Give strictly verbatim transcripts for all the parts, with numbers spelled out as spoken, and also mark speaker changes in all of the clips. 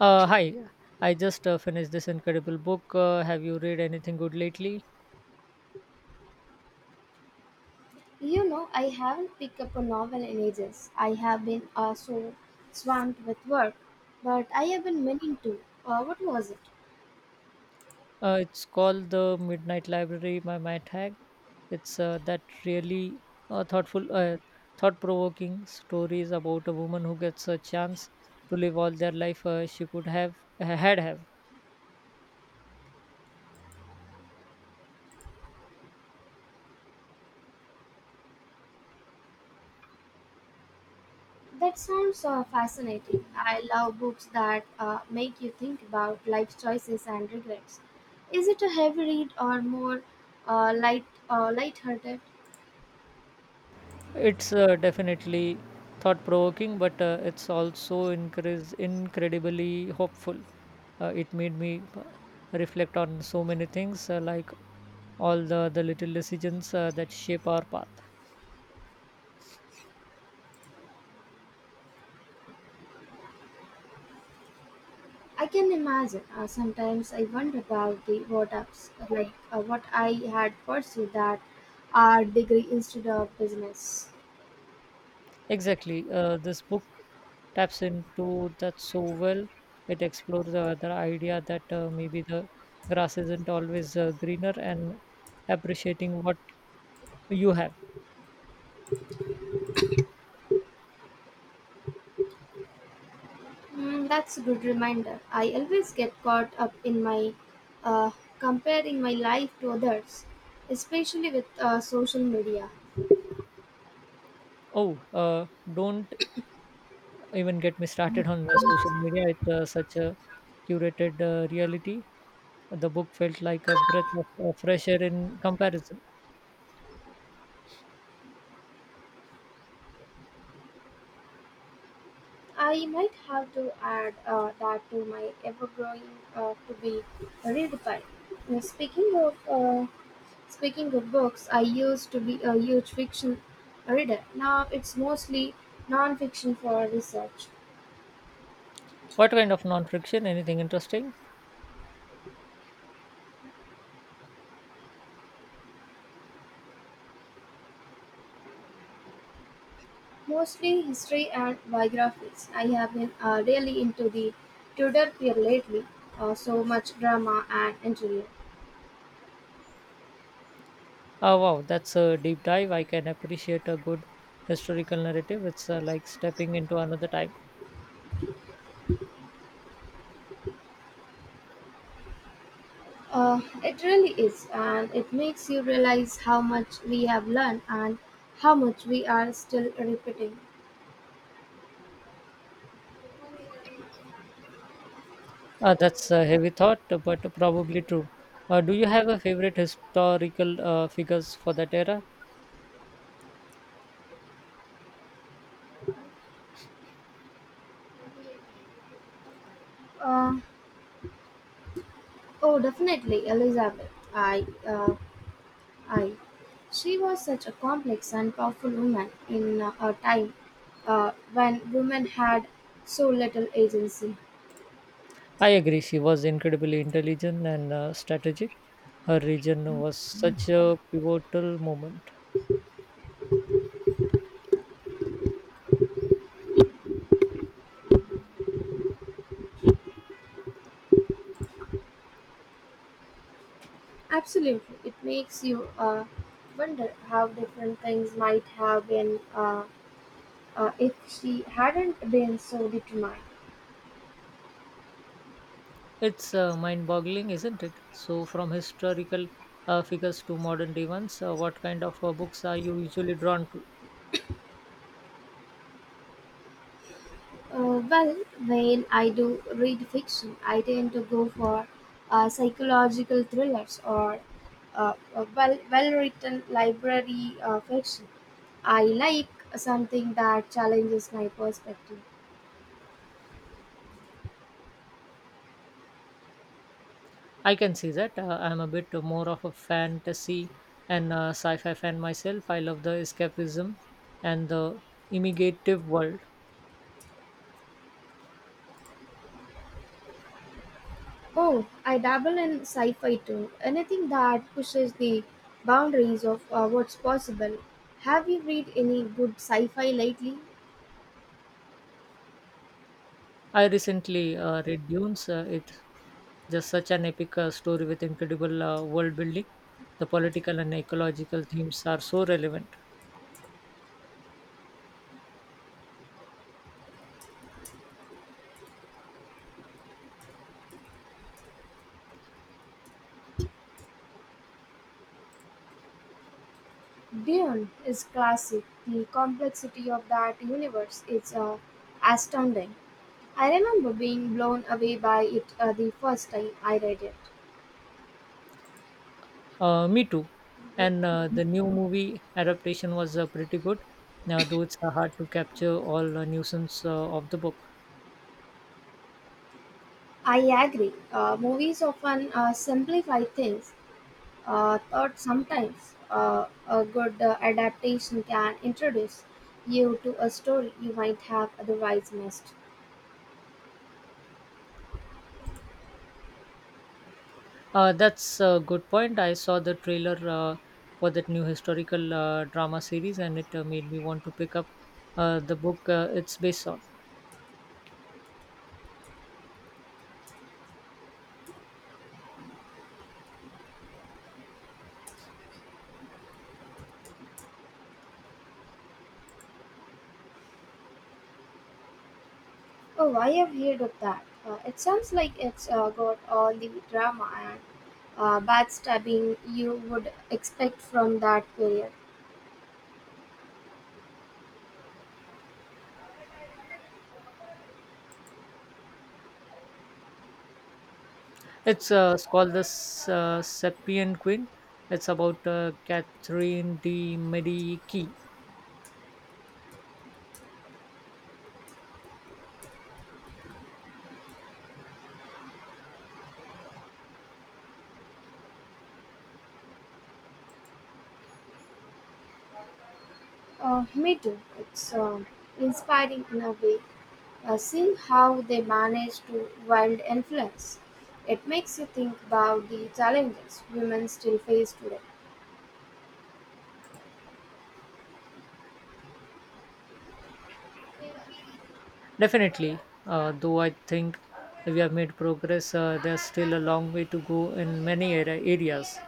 Speaker 1: Uh, hi, I just uh, finished this incredible book. Uh, have you read anything good lately?
Speaker 2: You know, I haven't picked up a novel in ages. I have been uh, so swamped with work, but I have been meaning to. Uh, what was it?
Speaker 1: Uh, it's called The Midnight Library by Matt Haig. It's uh, that really uh, thoughtful, uh, thought-provoking stories about a woman who gets a chance to live all their life uh, she could have had have.
Speaker 2: That sounds uh, fascinating. I love books that uh, make you think about life choices and regrets. Is it a heavy read or more uh, light uh, light-hearted?
Speaker 1: It's uh, definitely thought provoking, but uh, it's also increase, incredibly hopeful. Uh, it made me uh, reflect on so many things, uh, like all the, the little decisions uh, that shape our path.
Speaker 2: I can imagine. Uh, sometimes I wonder about the what ups, like uh, what I had pursued that art degree instead of business.
Speaker 1: Exactly. Uh, this book taps into that so well. It explores the, the idea that uh, maybe the grass isn't always uh, greener and appreciating what you have.
Speaker 2: Mm, that's a good reminder. I always get caught up in my uh, comparing my life to others, especially with uh, social media.
Speaker 1: Oh, uh, don't even get me started on the social media. It's uh, such a curated uh, reality. The book felt like a breath of uh, fresh air in comparison.
Speaker 2: I might have to add uh, that to my ever growing uh, to be redefined. Uh, Speaking of uh, speaking of books, I used to be a huge fiction reader. Now it's mostly non-fiction for research.
Speaker 1: What kind of non-fiction? Anything interesting?
Speaker 2: Mostly history and biographies. I have been uh, really into the Tudor period lately. Uh, so much drama and intrigue.
Speaker 1: Oh wow, that's a deep dive. I can appreciate a good historical narrative. It's uh, like stepping into another time.
Speaker 2: Uh, it really is, and it makes you realize how much we have learned and how much we are still repeating.
Speaker 1: Uh, that's a heavy thought, but probably true. Uh, do you have a favorite historical uh, figures for that era?
Speaker 2: Uh, oh, definitely, Elizabeth. I, uh, I. She was such a complex and powerful woman in uh, a time uh, when women had so little agency.
Speaker 1: I agree. She was incredibly intelligent and uh, strategic. Her region was such a pivotal moment.
Speaker 2: Absolutely, it makes you uh, wonder how different things might have been uh, uh, if she hadn't been so determined.
Speaker 1: It's uh, mind boggling, isn't it? So, from historical uh, figures to modern events, uh, what kind of uh, books are you usually drawn to?
Speaker 2: Uh, well, when I do read fiction, I tend to go for uh, psychological thrillers or uh, well well written library uh, fiction. I like something that challenges my perspective.
Speaker 1: I can see that. Uh, I'm a bit more of a fantasy and uh, sci fi fan myself. I love the escapism and the imaginative world.
Speaker 2: Oh, I dabble in sci fi too. Anything that pushes the boundaries of uh, what's possible. Have you read any good sci fi lately?
Speaker 1: I recently uh, read Dunes. Uh, it's just such an epic uh, story with incredible uh, world building. The political and ecological themes are so relevant.
Speaker 2: Dune is classic. The complexity of that universe is uh, astounding. I remember being blown away by it uh, the first time I read it.
Speaker 1: Uh, me too. And uh, the new movie adaptation was uh, pretty good, uh, though it's uh, hard to capture all uh, nuisance uh, of the book.
Speaker 2: I agree. Uh, movies often uh, simplify things, uh, thought sometimes uh, a good uh, adaptation can introduce you to a story you might have otherwise missed.
Speaker 1: Uh, that's a good point. I saw the trailer uh, for that new historical uh, drama series, and it uh, made me want to pick up uh, the book uh, it's based on.
Speaker 2: Oh, I have heard of that. Uh, it sounds like it's uh, got all the drama and uh, backstabbing you would expect from that period.
Speaker 1: It's, uh, it's called the S- uh, Sapien Queen. It's about uh, Catherine de Medici.
Speaker 2: Uh, me too. It's um inspiring in a way. Uh, seeing how they manage to wield influence, it makes you think about the challenges women still face today.
Speaker 1: Definitely, uh, though I think we have made progress, uh, there's still a long way to go in many area areas.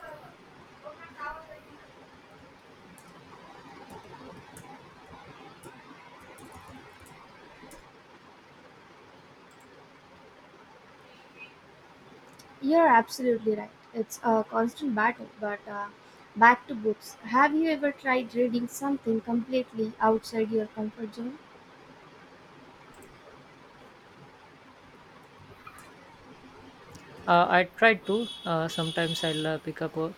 Speaker 2: You're absolutely right. It's a constant battle. But uh, back to books. Have you ever tried reading something completely outside your comfort zone?
Speaker 1: Uh, I try to. Uh, sometimes I'll uh, pick up a,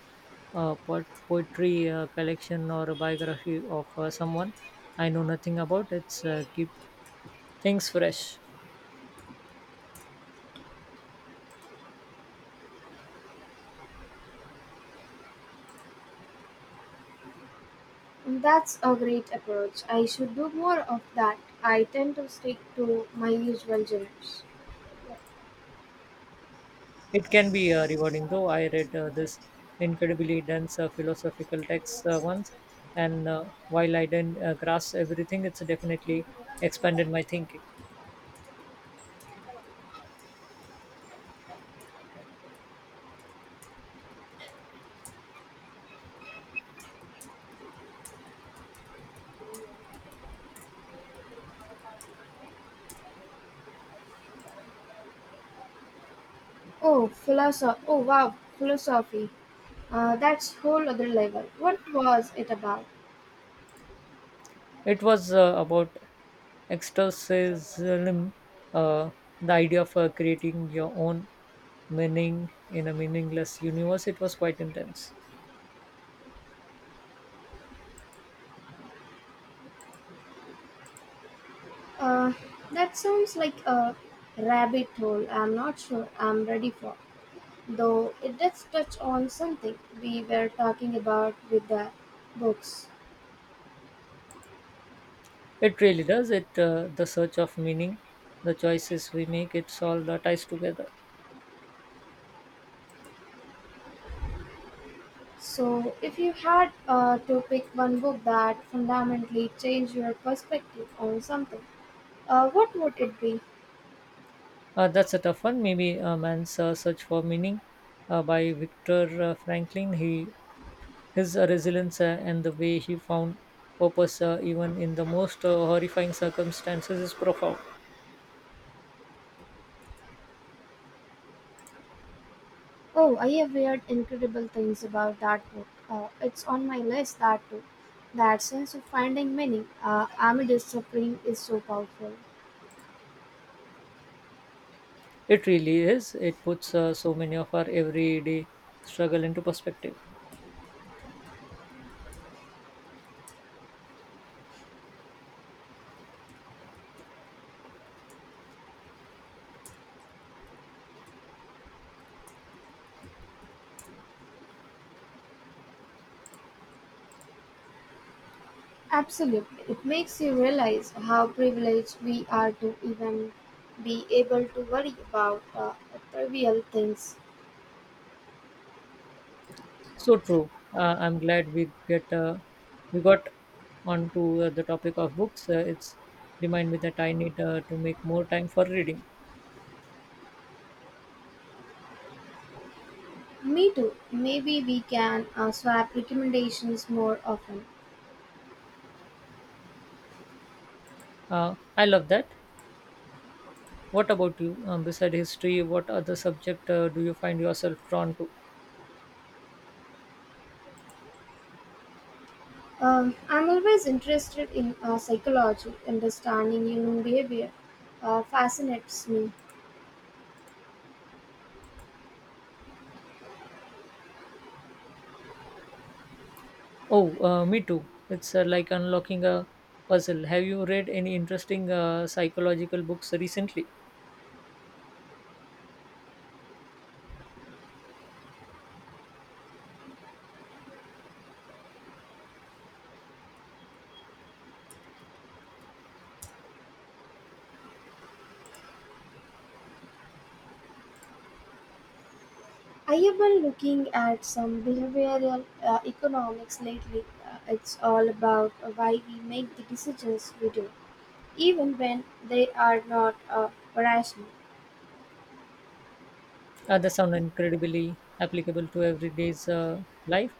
Speaker 1: a po- poetry uh, collection or a biography of uh, someone I know nothing about. It's uh, keep things fresh.
Speaker 2: That's a great approach. I should do more of that. I tend to stick to my usual genres.
Speaker 1: It can be uh, rewarding, though. I read uh, this incredibly dense uh, philosophical text uh, once, and uh, while I didn't uh, grasp everything, it's definitely expanded my thinking.
Speaker 2: Oh, philosophy. Oh, wow, philosophy. Uh, that's whole other level. What was it about?
Speaker 1: It was uh, about externalism, uh, the idea of uh, creating your own meaning in a meaningless universe. It was quite intense.
Speaker 2: Uh, that sounds like a rabbit hole. I'm not sure I'm ready for, though it does touch on something we were talking about with the books.
Speaker 1: It really does. It uh, The search of meaning, the choices we make. It's all that ties together.
Speaker 2: So, if you had uh, to pick one book that fundamentally changed your perspective on something, uh, what would it be?
Speaker 1: Uh, that's a tough one. Maybe a man's uh, search for meaning uh, by Victor uh, Franklin. He His uh, resilience uh, and the way he found purpose uh, even in the most uh, horrifying circumstances is profound.
Speaker 2: Oh, I have heard incredible things about that book. Uh, it's on my list, that too. That sense of finding meaning, uh, amid its suffering, is so powerful.
Speaker 1: It really is. It puts uh, so many of our everyday struggle into perspective.
Speaker 2: Absolutely. It makes you realize how privileged we are to even be able to worry about uh, trivial things.
Speaker 1: So true. Uh, I'm glad we get uh, we got onto uh, the topic of books. Uh, it's remind me that I need uh, to make more time for reading.
Speaker 2: Me too. Maybe we can uh, swap recommendations more often.
Speaker 1: Uh, I love that. What about you? Um, beside history, what other subject uh, do you find yourself drawn to?
Speaker 2: Um, I'm always interested in uh, psychology, understanding human behavior uh, fascinates me.
Speaker 1: Oh, uh, me too. It's uh, like unlocking a puzzle. Have you read any interesting uh, psychological books recently?
Speaker 2: I have been looking at some behavioral uh, economics lately. Uh, it's all about uh, why we make the decisions we do, even when they are not uh, rational.
Speaker 1: Uh, they sound incredibly applicable to everyday's uh, life.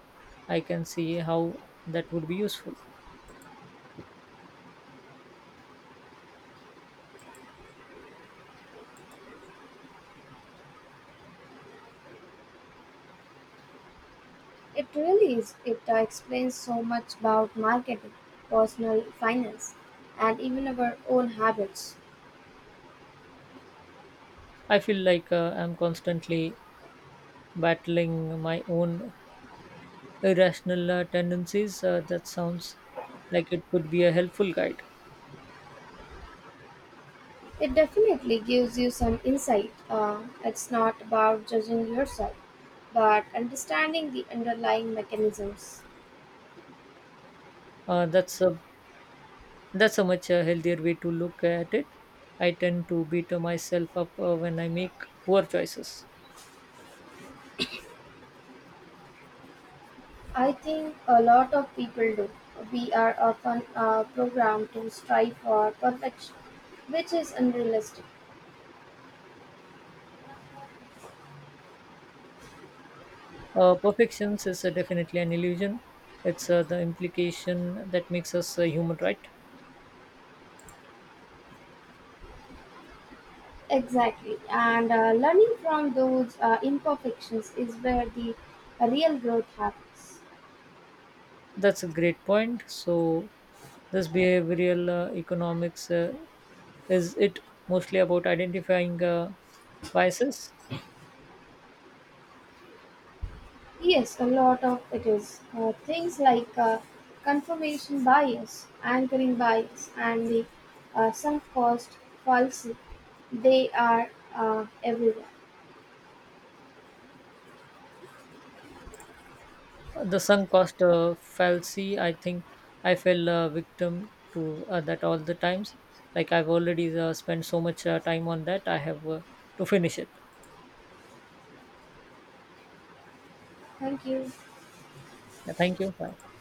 Speaker 1: I can see how that would be useful.
Speaker 2: It really is. It uh, explains so much about marketing, personal finance, and even our own habits.
Speaker 1: I feel like uh, I'm constantly battling my own irrational uh, tendencies. Uh, that sounds like it could be a helpful guide.
Speaker 2: It definitely gives you some insight. Uh, it's not about judging yourself, but understanding the underlying mechanisms.
Speaker 1: Uh, that's uh, That's a much uh, healthier way to look at it. I tend to beat myself up uh, when I make poor choices.
Speaker 2: I think a lot of people do. We are often uh, programmed to strive for perfection, which is unrealistic.
Speaker 1: Uh, perfections is uh, definitely an illusion. It's uh, the implication that makes us uh, human, right?
Speaker 2: Exactly. And uh, learning from those uh, imperfections is where the real growth happens.
Speaker 1: That's a great point. So, this behavioral uh, economics uh, is it mostly about identifying uh, biases?
Speaker 2: Yes, a lot of it is. Uh, things like uh, confirmation bias, anchoring bias, and the uh, sunk cost fallacy, they are uh, everywhere.
Speaker 1: The sunk cost uh, fallacy, I think I fell uh, victim to uh, that all the times, like I've already uh, spent so much uh, time on that I have uh, to finish it.
Speaker 2: Thank you.
Speaker 1: Yeah, thank you, bye.